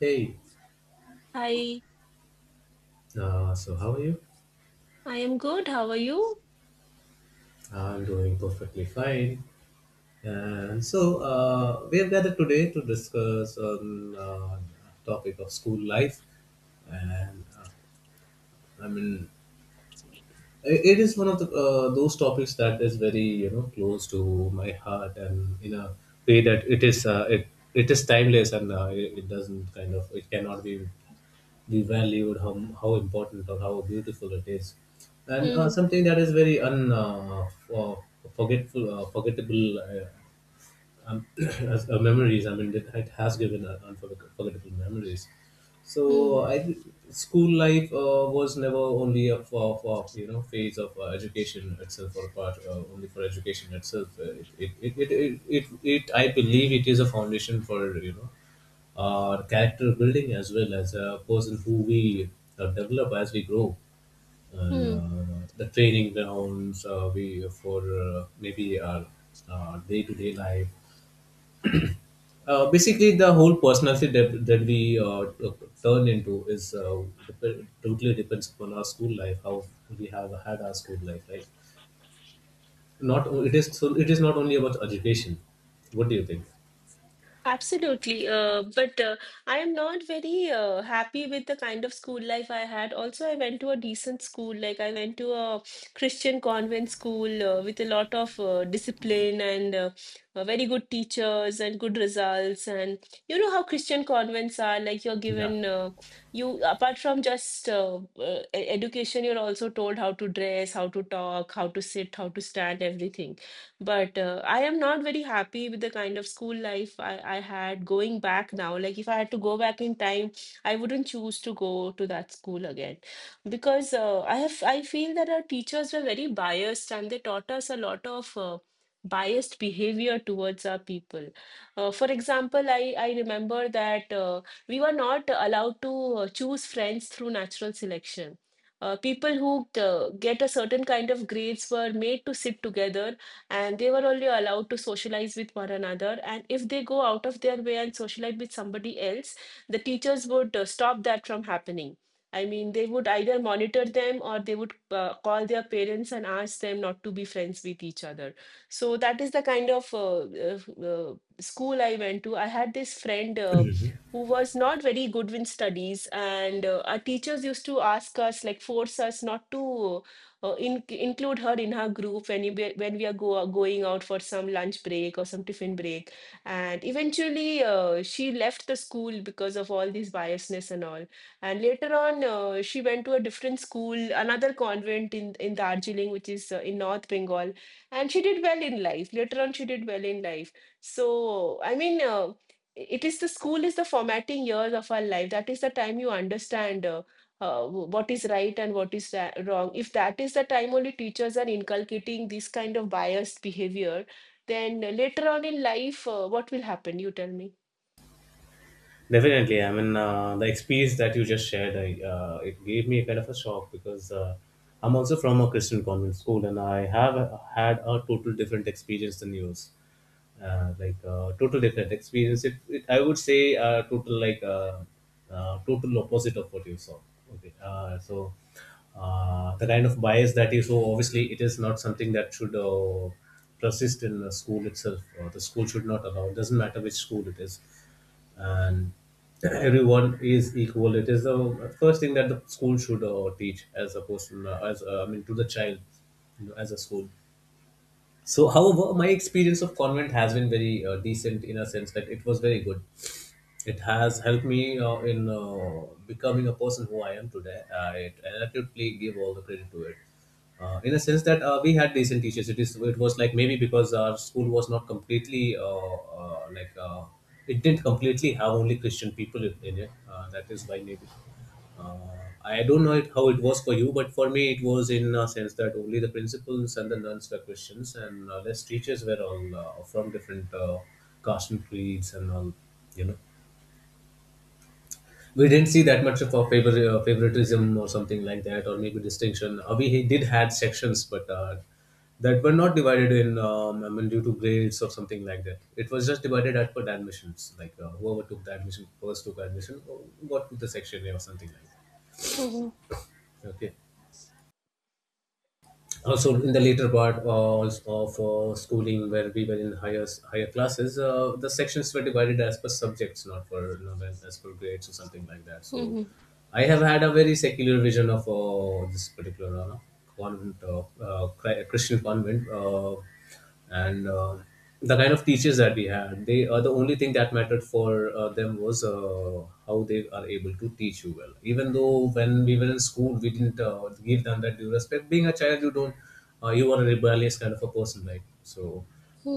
Hey, Hi, so how are you? I am good. How are you? I'm doing perfectly fine. And so we have gathered today to discuss on topic of school life, and I mean it is one of the those topics that is very close to my heart, and in a way that it is it is timeless, and it doesn't kind of it cannot be valued how important or how beautiful it is, and Hmm. something that is very forgetful forgettable as memories. I mean, it has given forgettable memories. Hmm. So I th- School life was never only a for phase of education itself, or part only for education itself. It it, it, it, it, it it I believe it is a foundation for our character building, as well as a person who we develop as we grow, and Hmm. The training grounds we for maybe our day-to-day life. Basically, the whole personality that we turn into is totally depends upon our school life, how we have had our school life, right? Not o- It is, so it is not only about education. What do you think? Absolutely. But I am not very happy with the kind of school life I had. Also, I went to a decent school. Like, I went to a Christian convent school with a lot of discipline and very good teachers and good results. And you know how Christian convents are like, you're Yeah. given, you, apart from just education, you're also told how to dress, how to talk, how to sit, how to stand, everything. But I am not very happy with the kind of school life I had going back now. Like, if I had to go back in time, I wouldn't choose to go to that school again because I feel that our teachers were very biased and they taught us a lot of biased behavior towards our people. For example, I remember that we were not allowed to choose friends through natural selection. People who get a certain kind of grades were made to sit together, and they were only allowed to socialize with one another. And if they go out of their way and socialize with somebody else, the teachers would stop that from happening. I mean, they would either monitor them or they would call their parents and ask them not to be friends with each other. So that is the kind of uh, school I went to. I had this friend who was not very good in studies, and our teachers used to ask us, like, force us not to include her in her group when when we are going out for some lunch break or some tiffin break. And eventually, she left the school because of all this biasness and all. And later on, she went to a different school, another convent in Darjeeling, which is in North Bengal. And she did well in life. Later on, she did well in life. So, I mean, it is the school is the formatting years of our life. That is the time you understand. Uh, what is right and what is wrong? If that is the time only teachers are inculcating this kind of biased behavior, then later on in life, what will happen, you tell me? Definitely, I mean, the experience that you just shared, it gave me a kind of a shock, because I'm also from a Christian convent school, and I have had a total different experience than yours. Total different experience. It I would say total total opposite of what you saw. Okay, so the kind of bias that you saw, obviously, it is not something that should persist in the school itself, or the school should not allow. It doesn't matter which school it is, and everyone is equal. It is the first thing that the school should teach as a person, as I mean, to the child, you know, as a school. So, however, my experience of convent has been very decent, in a sense that it was very good. It has helped me in becoming a person who I am today. I absolutely give all the credit to it. In a sense that we had decent teachers. It is. It was like, maybe because our school was not completely uh, like uh, it didn't completely have only Christian people in it. That is why, maybe. Uh, I don't know it, how it was for you, but for me it was in a sense that only the principals and the nuns were Christians, and less teachers were all from different caste and creeds and all, you know, we didn't see that much of a favoritism or something like that, or maybe distinction. We he did had sections, but that were not divided in I mean, due to grades or something like that. It was just divided as per the admissions, like whoever took the admission first took admission, or got to the section A or something like Mhm, that. Okay, also in the later part of schooling where we were in higher higher classes, the sections were divided as per subjects, not for not as per grades or something like that. So mhm, I have had a very secular vision of this particular convent, Christian convent, and the kind of teachers that we had, they the only thing that mattered for them was how they are able to teach you well. Even though, when we were in school, we didn't give them that due respect, being a child you don't you are a rebellious kind of a person, right? So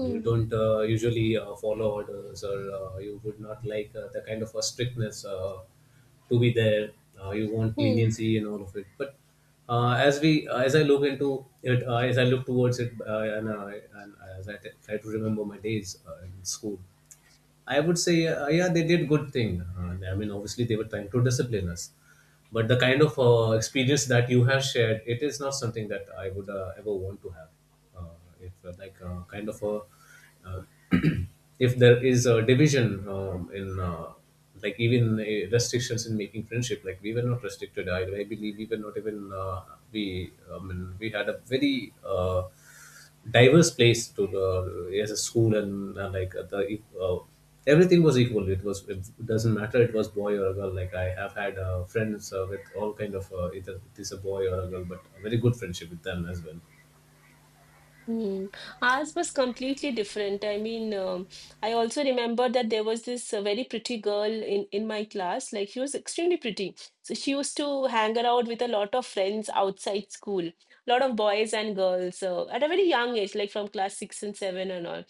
you don't usually follow orders, or you would not like the kind of a strictness to be there. You want mhm. leniency and all of it. But as I look into it, as I look towards it, and as I try to remember my days in school, I would say, yeah, they did good thing. I mean, obviously, they were trying to discipline us, but the kind of experience that you have shared, it is not something that I would ever want to have. Uh, if kind of a, uh, if there is a division in like even restrictions in making friendship, like we were not restricted. I believe we were not even we. I mean, we had a very. Diverse place to yes a school, and like the uh, everything was equal. It was, it doesn't matter, it was boy or a girl. Like, I have had friends with all kind of either it is a boy or a girl, but very good friendship with them as well. Hmm. Ours was completely different. I also remember that there was this very pretty girl in my class. Like, she was extremely pretty. So she used to hang around with a lot of friends outside school, a lot of boys and girls at a very young age, like from class six and seven and all.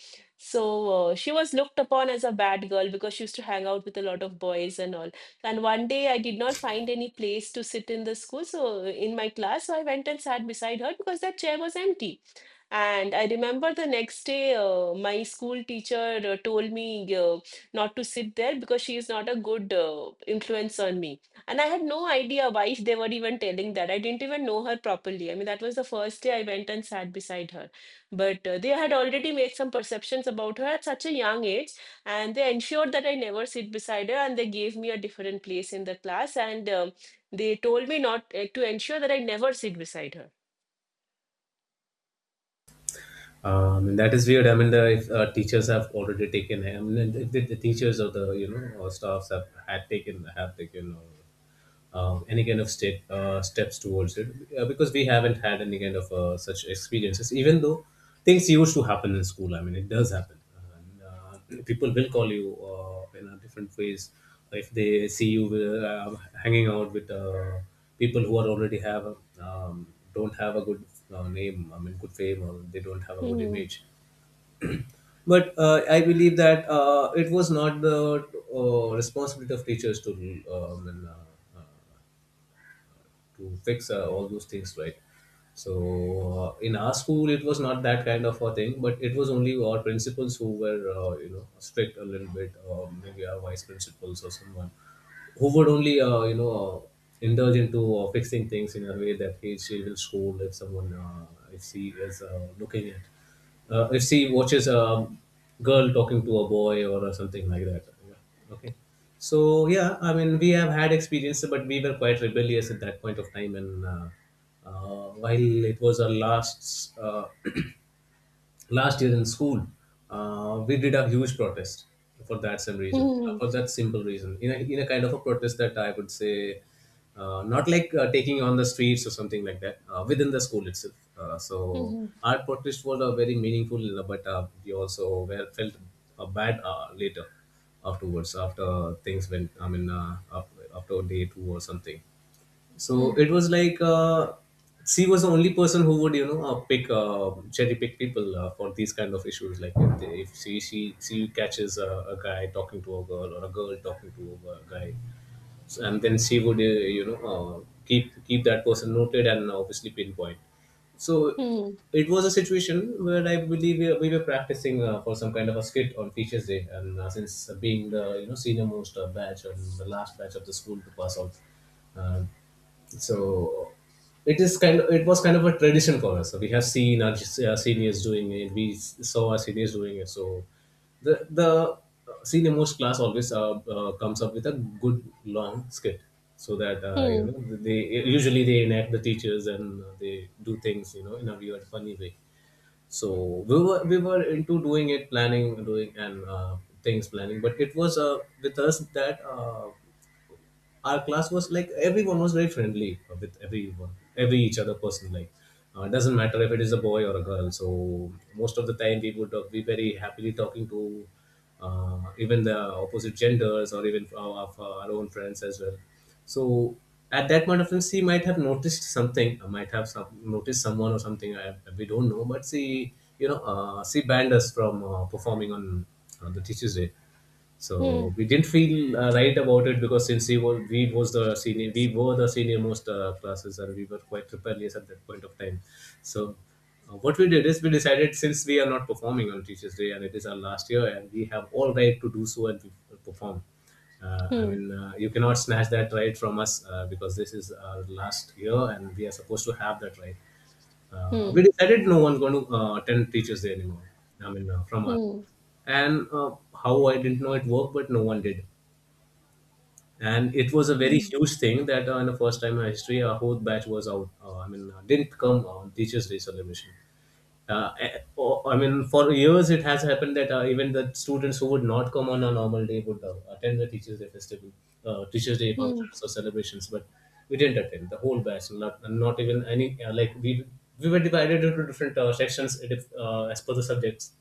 So she was looked upon as a bad girl because she used to hang out with a lot of boys and all. And one day I did not find any place to sit in the school, so in my class, so I went and sat beside her because that chair was empty. And I remember the next day, my school teacher told me not to sit there because she is not a good influence on me. And I had no idea why they were even telling that. I didn't even know her properly. I mean, that was the first day I went and sat beside her. But they had already made some perceptions about her at such a young age, and they ensured that I never sit beside her, and they gave me a different place in the class, and they told me not to ensure that I never sit beside her. And that is weird. I mean, the if, teachers have already taken. I mean, if the teachers, or the you know or staffs have had taken have taken or any kind of state steps towards it, because we haven't had any kind of such experiences. Even though things used to happen in school, I mean it does happen, and people will call you in a different ways if they see you uh, hanging out with people who are already have um, don't have a good name, I mean good fame, or they don't have a good Mhm. image. But I believe that it was not the responsibility of teachers to um, and, uh, to fix all those things, right? So in our school it was not that kind of a thing, but it was only our principals who were you know, strict a little bit, maybe our vice principals or someone, who would only indulge into fixing things in a way that he she will scold if someone, if she is looking at, if she watches a girl talking to a boy or something like that. Yeah. Okay. So yeah, I mean, we have had experiences, but we were quite rebellious at that point of time, and while it was our last last year in school, we did a huge protest for that same reason, for that simple reason, in in a kind of a protest that I would say not like taking on the streets or something like that, within the school itself. So Mhm. our protest was very meaningful, but we also were felt bad later, afterwards, after things went, I mean after day two or something. So Hmm. it was like, she was the only person who would, you know, pick cherry pick people for these kind of issues. Like, if she she catches a guy talking to a girl or a girl talking to a guy, so, and then she would keep that person noted, and obviously pinpoint. So Hmm. it was a situation where I believe we were practicing for some kind of a skit on Teachers Day. And since being the senior most batch and the last batch of the school to pass out, uh, so it is kind of, it was kind of a tradition for us, so we have seen our seniors doing it, saw our seniors doing it. So the senior most class always comes up with a good long skit, so that Hmm. They, usually they enact the teachers and they do things, you know, in a weird funny way. So we were into doing it, planning, doing and things planning. But it was with us that our class was like everyone was very friendly with everyone, every each other person, like, doesn't matter if it is a boy or a girl. So most of the time we would be very happily talking to even the opposite genders or even of our own friends as well. So at that point of time she might have noticed something, might have some, noticed someone or something, I, we don't know, but she, she banned us from performing on the teachers day. Hmm. So we didn't feel right about it, because since we were, we was the senior, we were the senior most classes, and we were quite rebellious at that point of time. So what we did is we decided, since we are not performing on Teachers Day and it is our last year, and we have all right to do so, and we perform. Hmm. You cannot snatch that right from us because this is our last year and we are supposed to have that right. We Hmm. decided no one's going to attend Teachers Day anymore. From our, Hmm. and how, I didn't know it worked, but no one did. And it was a very Hmm. huge thing that in the first time in history, our whole batch was out. Didn't come on Teachers' Day celebration. For years it has happened that even the students who would not come on a normal day would attend the Teachers' Day festival, Teachers' Day Hmm. functions or celebrations, but we didn't attend, the whole batch. Not, not even any, like we were divided into different sections as per the subjects,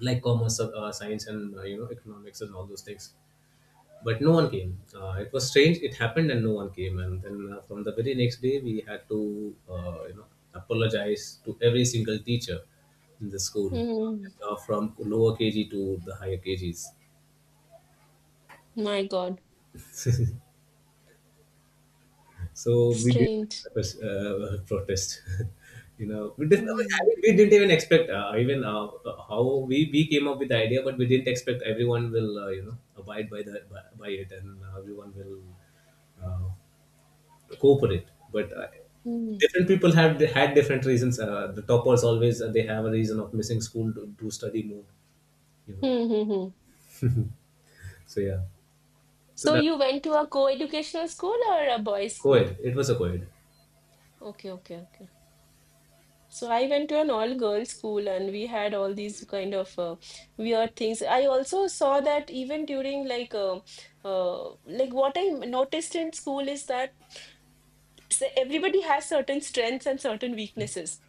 like commerce, science, and economics and all those things. But no one came. It was strange. It happened, and no one came. And then from the very next day, we had to, apologize to every single teacher in the school, Hmm. From lower KG to the higher KGs. My God. So we did Strange. Protest. you know, we, did, I Hmm. mean, we didn't even expect even how we came up with the idea, but we didn't expect everyone will abide by by it, and everyone will uh, cooperate. But Hmm. different people have had different reasons. The toppers always, they have a reason of missing school to study more. You know, Hmm. Hmm. Hmm. so yeah, so So that, you went to a co-educational school or a boys' co-ed. school? It was a co-ed. Okay, okay, okay. So I went to an all-girls school, and we had all these kind of weird things. I also saw that even during like what I noticed in school is that everybody has certain strengths and certain weaknesses.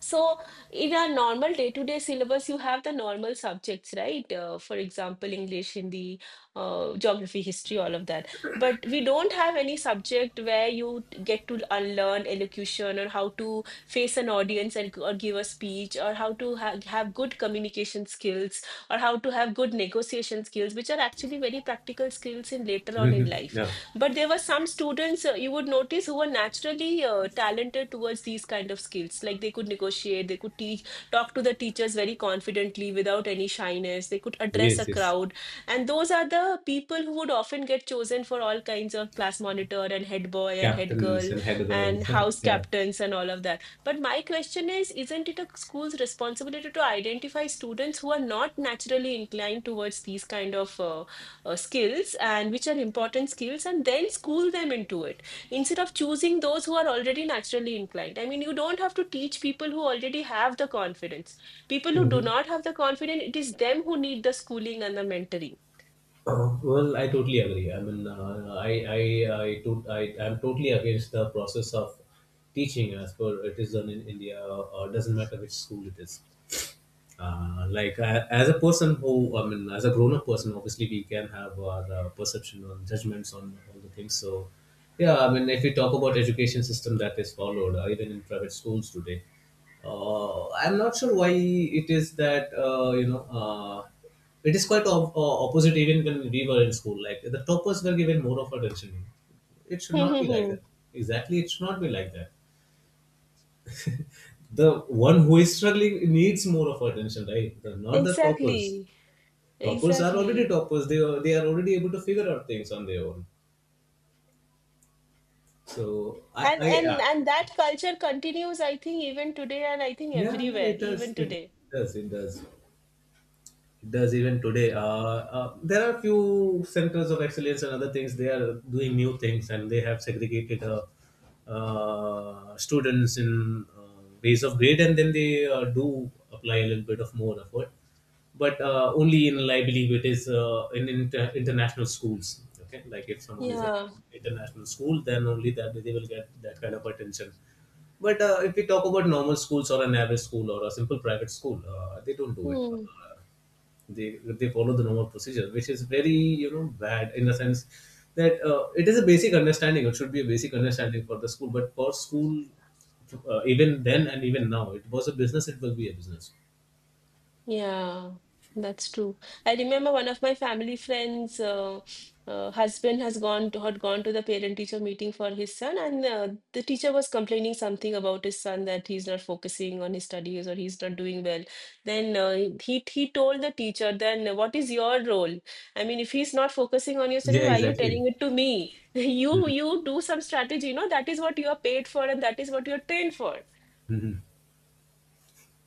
So, in our normal day-to-day syllabus, you have the normal subjects, right? For example, English, Hindi, geography, history, all of that. But we don't have any subject where you get to unlearn elocution or how to face an audience and, or give a speech or how to ha have good communication skills or how to have good negotiation skills, which are actually very practical skills in later on in life. Yeah. But there were some students you would notice who were naturally talented towards these kind of skills. Like, they could negotiate, they could teach, talk to the teachers very confidently without any shyness. They could address Yes. a Yes. crowd, and those are the people who would often get chosen for all kinds of class monitor and head boy and head Captain is girl in head well. and house Yeah. captains and all of that. But my question is, isn't it a school's responsibility to identify students who are not naturally inclined towards these kind of skills, and which are important skills, and then school them into it instead of choosing those who are already naturally inclined? I mean, you don't have to teach people who already have the confidence. People who do Hmm. not have the confidence, it is them who need the schooling and the mentoring. Well, I totally agree. I, to-, I'm totally against the process of teaching as per it is done in India. Doesn't matter which school it is. Like I, as a person who, as a grown up person, obviously we can have our perception on judgments on all the things. So yeah, if we talk about education system that is followed even in private schools today, I'm not sure why it is that, it is quite opposite even when we were in school. Like the toppers were given more of attention. It should not be like Hmm. that. Exactly, it should not be like that. The one who is struggling needs more of attention, right, the, not the toppers. Exactly, Toppers are already exactly. toppers, they are already able to figure out things on their own. So and I and and that culture continues, I think, even today, and I think yeah yeah everywhere it does, even it today. does it does It does even today. There are few centers of excellence and other things. They are doing new things, and they have segregated students in ways of grade, and then they do apply a little bit of more effort. But only in, I believe, it is, in inter- international schools. Okay, like if someone is at Yeah. international school, then only that they will get that kind of attention. But if we talk about normal schools or an average school or a simple private school, they don't do it. They follow the normal procedure, which is very, you know, bad in the sense that, it is a basic understanding, it should be a basic understanding for the school. But for school, even then and even now, it was a business, it will be a business. Yeah, that's true. I remember one of my family friends' husband has gone to, had gone to the parent-teacher meeting for his son, and the teacher was complaining something about his son that he's not focusing on his studies or he's not doing well. Then he told the teacher, "Then what is your role? I mean, if he's not focusing on your Yeah, studies, why are you exactly. telling it to me? You do some strategy. You know that is what you are paid for, and that is what you are trained for.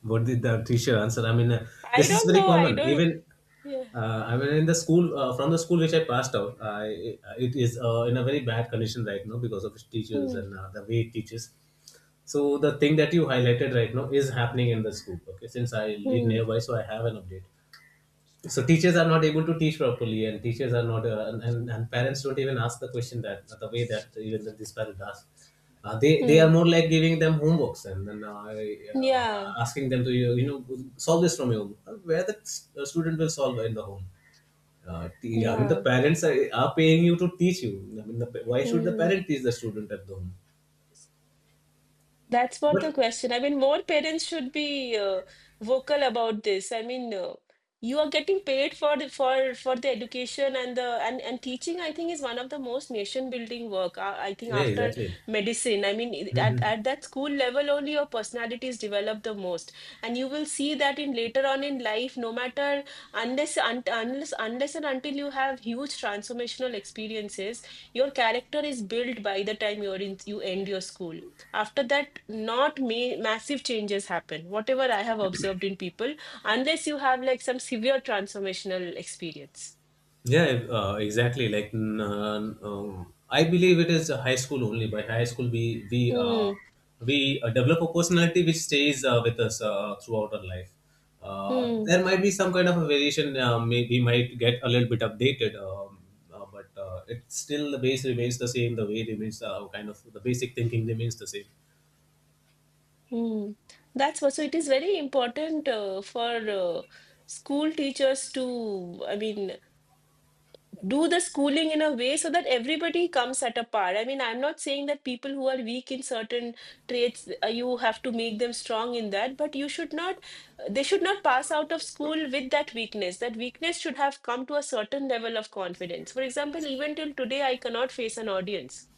What did the teacher answer? I This is don't very know. I common. don't. Even, Yeah. In the school, from the school which I passed out, I, it is in a very bad condition right now because of its teachers Hmm. and the way it teaches. So the thing that you highlighted right now is happening in the school. Okay, since I live Hmm. nearby, so I have an update. So teachers are not able to teach properly, and teachers are not, and, and parents don't even ask the question that, the way that even this parent asked. They are Hmm. more like giving them homeworks and then, Yeah. asking them to, you know, solve this from your home. Where the student will solve in the home. The Yeah. parents are paying you to teach you. I mean, the, why should the Hmm. parent teach the student at the home? That's what the But question. I mean, more parents should be vocal about this. I mean, you are getting paid for the for the education and the and teaching. I think is one of the most nation building work. I think yeah, after exactly. medicine. I mean, at that school level, only your personality is developed the most, and you will see that in later on in life. No matter, unless unless and until you have huge transformational experiences, your character is built by the time you're in you end your school. After that, not me massive changes happen, whatever I have observed in people, unless you have like some severe transformational experience. Yeah, exactly. Like, I believe it is high school only. By high school, Hmm. we develop a personality which stays with us throughout our life. Hmm. There might be some kind of a variation. May, we might get a little bit updated, but it still, the base remains the same. The way remains kind of, the basic thinking remains the same. Hmm. That's what. So it is very important for uh, school teachers to I mean do the schooling in a way so that everybody comes at a par. I mean, I'm not saying that people who are weak in certain traits, you have to make them strong in that, but you should not, they should not pass out of school with that weakness. That weakness should have come to a certain level of confidence. For example, even till today, I cannot face an audience.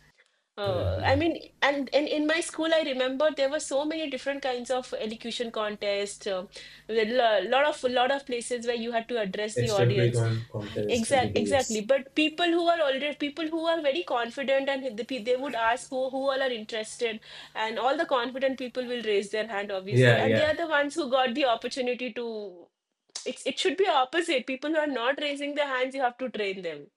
Uh, Hmm. I mean, and in my school, I remember there were so many different kinds of elocution contests. A lot of places where you had to address the Extemporary audience. Contest and Exactly. debates. But people who are already people who are very confident and they would ask who all are interested, and all the confident people will raise their hand, obviously, Yeah, and they yeah. are the ones who got the opportunity to. It's it should be opposite. People who are not raising their hands, you have to train them.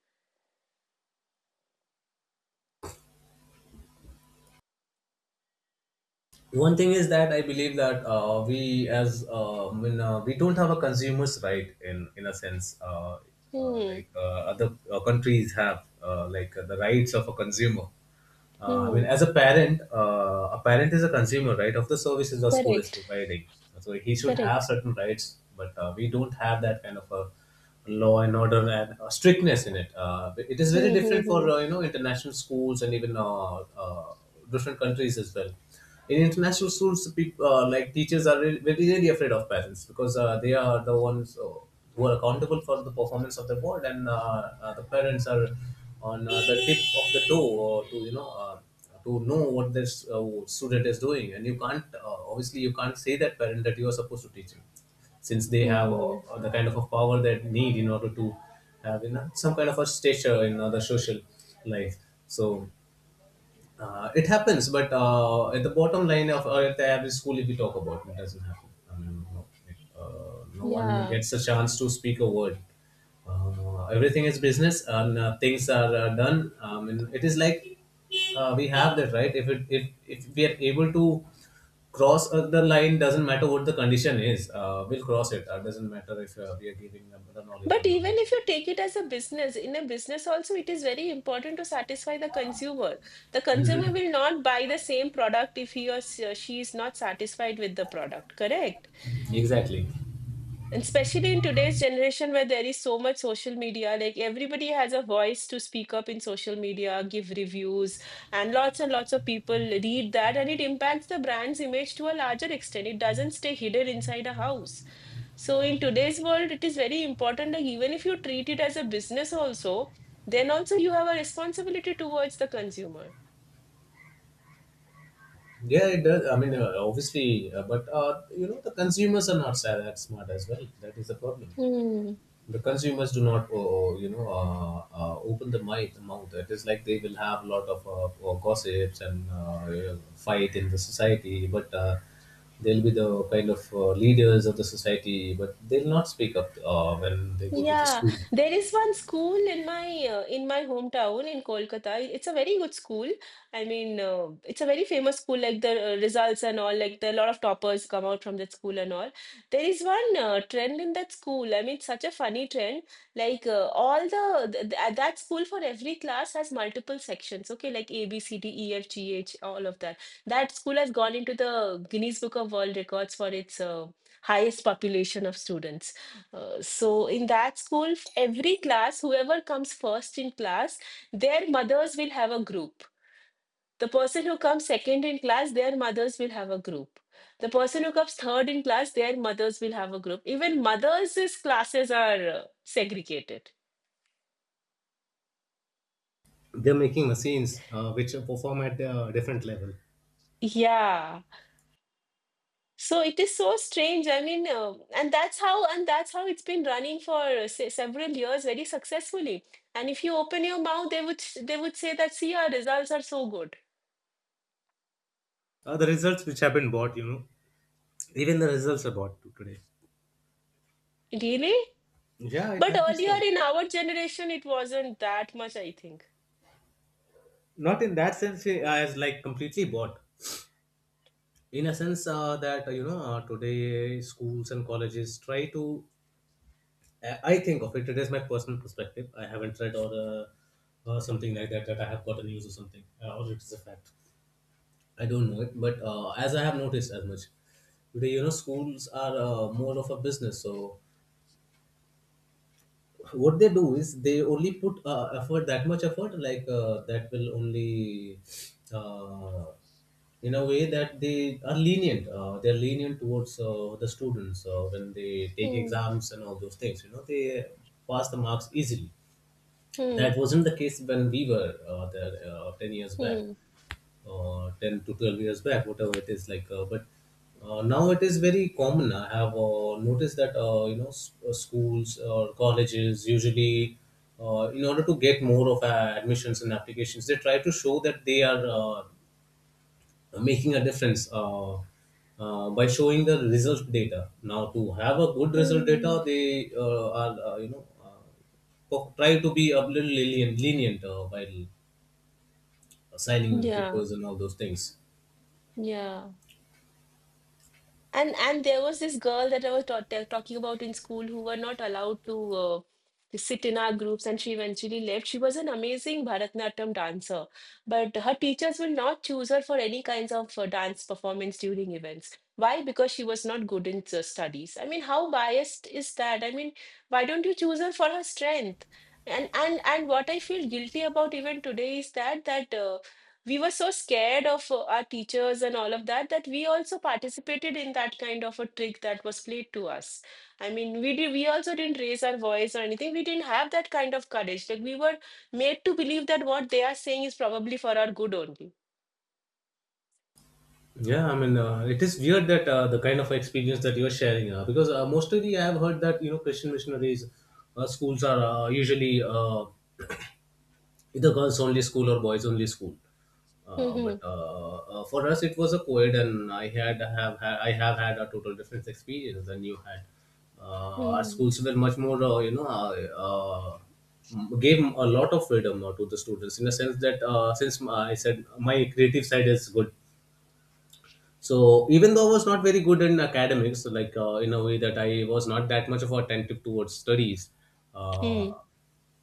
One thing is that I believe that, we as, when, we don't have a consumers right in a sense, Hmm. like, other countries have, like, the rights of a consumer. Hmm. As a parent is a consumer, right, of the services the school is Correct. providing. So he should have Correct. certain rights, but we don't have that kind of a law and order and strictness in it. It is very Hmm. Hmm. different for, Hmm. International schools and even, uh, different countries as well. In international schools, people, like teachers are really, very really afraid of parents, because they are the ones who are accountable for the performance of their board, and, the parents are on, the tip of the toe, to, you know, to know what this student is doing. And you can't, obviously you can't say that parent that you are supposed to teach him, since they have, Hmm. The kind of a power that need in order to have, you know, some kind of a stature in other social life. So it happens, but at the bottom line of, at the average school, if we talk about it, doesn't happen. I mean, no, no one Yeah. gets a chance to speak a word. Everything is business, and things are done. I mean, it is like, we have that right. If it, if we are able to cross the line, doesn't matter what the condition is, we'll cross it. Doesn't matter if we are giving them the knowledge or But not. even if you take it as a business, in a business also, it is very important to satisfy the consumer. The consumer Mhm. will not buy the same product if he or she is not satisfied with the product, correct? Exactly. And especially in today's generation where there is so much social media, like everybody has a voice to speak up in social media, give reviews, and lots of people read that, and it impacts the brand's image to a larger extent. It doesn't stay hidden inside a house. So in today's world, it is very important that even if you treat it as a business also, then also you have a responsibility towards the consumer. Yeah, it does. Obviously, but you know, the consumers are not that smart as well. That is the problem. Hmm. The consumers do not, open the mic mouth. It is like they will have a lot of gossips and, fight in the society, but they'll be the kind of, leaders of the society, but they'll not speak up when they go to the Yeah, school. there is one school in my hometown in Kolkata. It's a very good school. It's a very famous school. Like the results and all, like a lot of toppers come out from that school and all. There is one trend in that school. I mean, such a funny trend. Like all that school for every class has multiple sections. Okay, like A, B, C, D, E, F, G, H, all of that. That school has gone into the Guinness Book of World Records for its highest population of students. So in that school, every class, whoever comes first in class, their mothers will have a group. The person who comes second in class, their mothers will have a group. The person who comes third in class, their mothers will have a group. Even mothers' classes are segregated. They're making machines, which perform at a different level. Yeah. So it is so strange. And that's how it's been running for several years very successfully. And if you open your mouth, they would say that see our results are so good. The results which have been bought, you know, even the results are bought to today. Really? Yeah, it But happens. earlier Well. in our generation, it wasn't that much, I think. Not in that sense, eh, as like completely bought. In a sense, that today, eh, schools and colleges try to. I think of it. It is my personal perspective. I haven't read or, something like that, that I have gotten news or something, or it is a fact. I don't know it, but as I have noticed as much today, you know, schools are, more of a business. So what they do is they only put effort, that much effort, like that will only, uh, in a way that they are lenient, they're lenient towards the students when they take Hmm. exams and all those things, you know, they pass the marks easily. That Hmm. wasn't the case when we were there 10 years back, Hmm. 10 to 12 years back, whatever it is like. But now it is very common. I have noticed that, schools or colleges usually, in order to get more of admissions and applications, they try to show that they are making a difference. By showing the result data. Now to have a good result Hmm. data they are try to be a little lenient while signing papers Yeah. and all those things. Yeah. And there was this girl that I was talking about in school who were not allowed to sit in our groups, and she eventually left. She was an amazing Bharatanatyam dancer, but her teachers will not choose her for any kinds of dance performance during events. Why? Because she was not good in studies. I mean, how biased is that? I mean, why don't you choose her for her strength? And what I feel guilty about even today is that we were so scared of our teachers and all of that that we also participated in that kind of a trick that was played to us. I mean, we also didn't raise our voice or anything. We didn't have that kind of courage. Like we were made to believe that what they are saying is probably for our good only. Yeah, I mean, it is weird that the kind of experience that you're sharing, because mostly I have heard that you know Christian missionaries schools are usually either girls only school or boys only school. Uh, but Hmm. uh, uh, for us, it was a co-ed, and I have had a total different experience than you had. Our Hmm. schools were much more, gave a lot of freedom to the students in the sense that since I said my creative side is good, so even though I was not very good in academics, like in a way that I was not that much of attentive towards studies, uh, Hmm.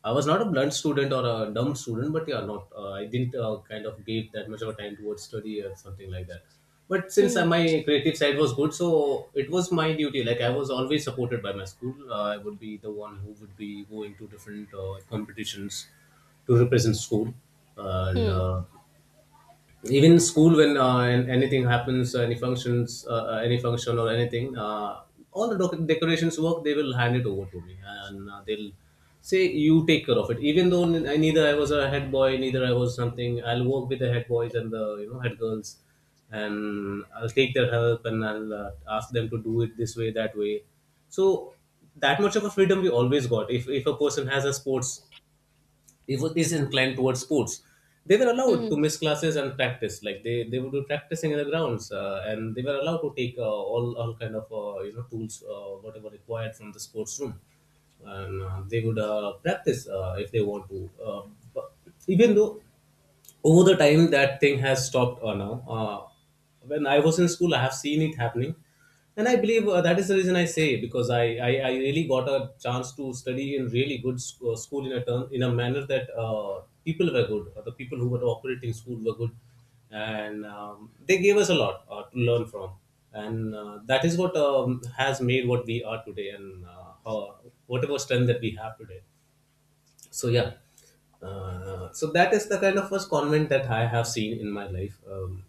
I was not a blunt student or a dumb student, but yeah, not I didn't kind of give that much of a time towards study or something like that. But since Hmm. my creative side was good, so it was my duty. Like I was always supported by my school. I would be the one who would be going to different competitions to represent school, and Hmm. Even school when anything happens, any functions, any function or anything, all the decorations work they will hand it over to me, and they'll say you take care of it. Even though neither I was a head boy, neither I was something, I'll work with the head boys and the you know head girls, and I'll take their help and I'll ask them to do it this way, that way. So that much of a freedom we always got. If a person has a sports, is inclined towards sports, they were allowed to Hmm. miss classes and practice. Like they would be practicing in the grounds, and they were allowed to take all kind of you know tools, whatever required from the sports room, and they would practice if they want to. But even though over the time that thing has stopped. Now when I was in school I have seen it happening, and I believe that is the reason I say, because I really got a chance to study in really good school, in a term, in a manner that people were good, the people who were operating school were good, and they gave us a lot to learn from, and that is what has made what we are today, and how, whatever strength that we have today. So yeah, so that is the kind of first convent that I have seen in my life.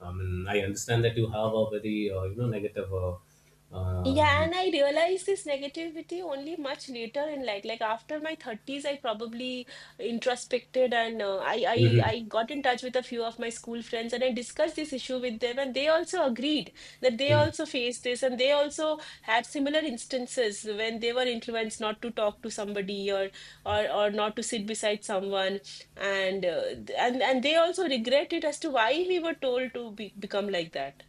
I mean, I understand that you have a very negative Yeah, um, and I realized this negativity only much later in life. Like after my 30s, I probably introspected and mhm. I got in touch with a few of my school friends and I discussed this issue with them and they also agreed that they also faced this and they also had similar instances when they were influenced not to talk to somebody or not to sit beside someone and they also regret it as to why we were told to become like that.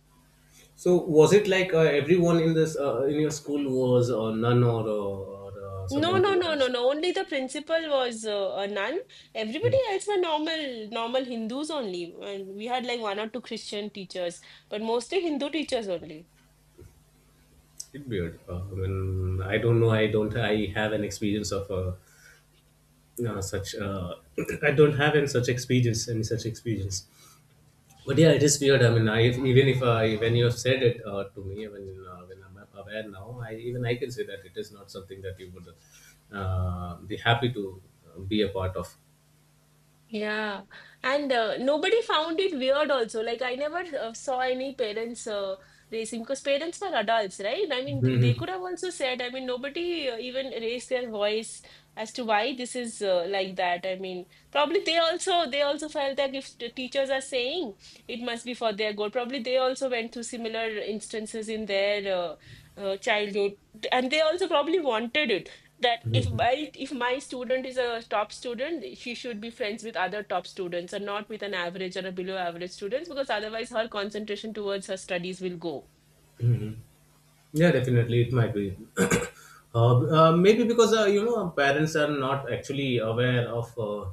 So was it like everyone in this in your school was a nun, or No, someone no, who no, no, has. no. Only the principal was a nun. Hmm. Everybody else were normal, normal Hindus only. And we had like one or two Christian teachers, but mostly Hindu teachers only. It's weird. I mean, I don't know. I don't. I have an experience of such. I don't have any such experience. Any such experience. But yeah, it is weird. I mean, I, even if I, when you have said it to me, when I'm aware now, I, even I can say that it is not something that you would be happy to be a part of. Yeah, and nobody found it weird also. Like I never saw any parents racing because parents were adults, right? I mean, they Hmm. could have also said, I mean, nobody even raised their voice as to why this is like that. I mean, probably they also felt that if the teachers are saying it must be for their good, probably they also went through similar instances in their childhood, and they also probably wanted it that if my student is a top student, she should be friends with other top students and not with an average or a below average students because otherwise her concentration towards her studies will Hmm. Yeah, definitely, it might be. Maybe because you know our parents are not actually aware of.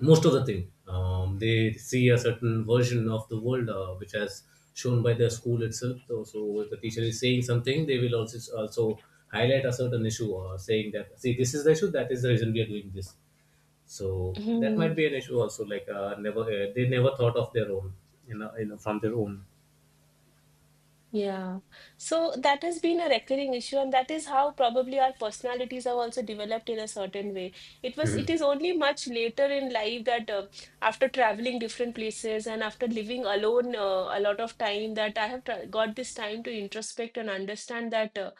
Most of the thing, they see a certain version of the world which has shown by the school itself. Though, so if the teacher is saying something, they will also highlight a certain issue, saying that, see, this is the issue, that is the reason we are doing this. So that go. might be an issue also, like never they never thought of their own, you know, you know, from their own. Yeah. So that has been a recurring issue, and that is how probably our personalities have also developed in a certain way. Mhm. It is only much later in life that after traveling different places and after living alone a lot of time that I have tra got this time to introspect and understand that uh,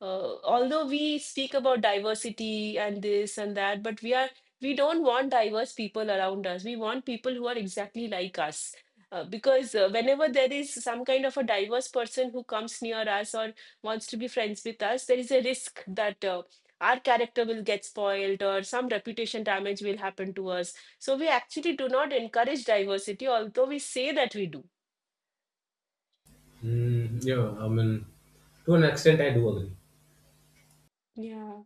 uh, although we speak about diversity and this and that, we don't want diverse people around us. We want people who are exactly like us. Because whenever there is some kind of a diverse person who comes near us or wants to be friends with us, there is a risk that our character will get spoiled or some reputation damage will happen to us. So we actually do not encourage diversity, although we say that we do. Mm, yeah, I mean, to an extent, I do agree. Yeah.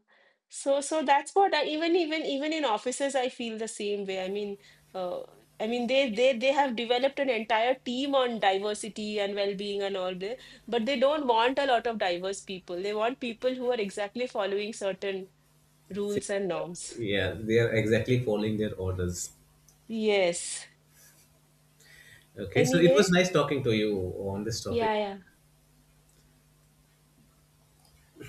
So that's what I even in offices I feel the same way. Uh, I mean they have developed an entire team on diversity and well-being and all that, but they don't want a lot of diverse people. They want people who are exactly following certain See, rules and norms. yeah, they are exactly following their orders. Yes. Okay, so it was Anyway, nice talking to you on this topic. Yeah.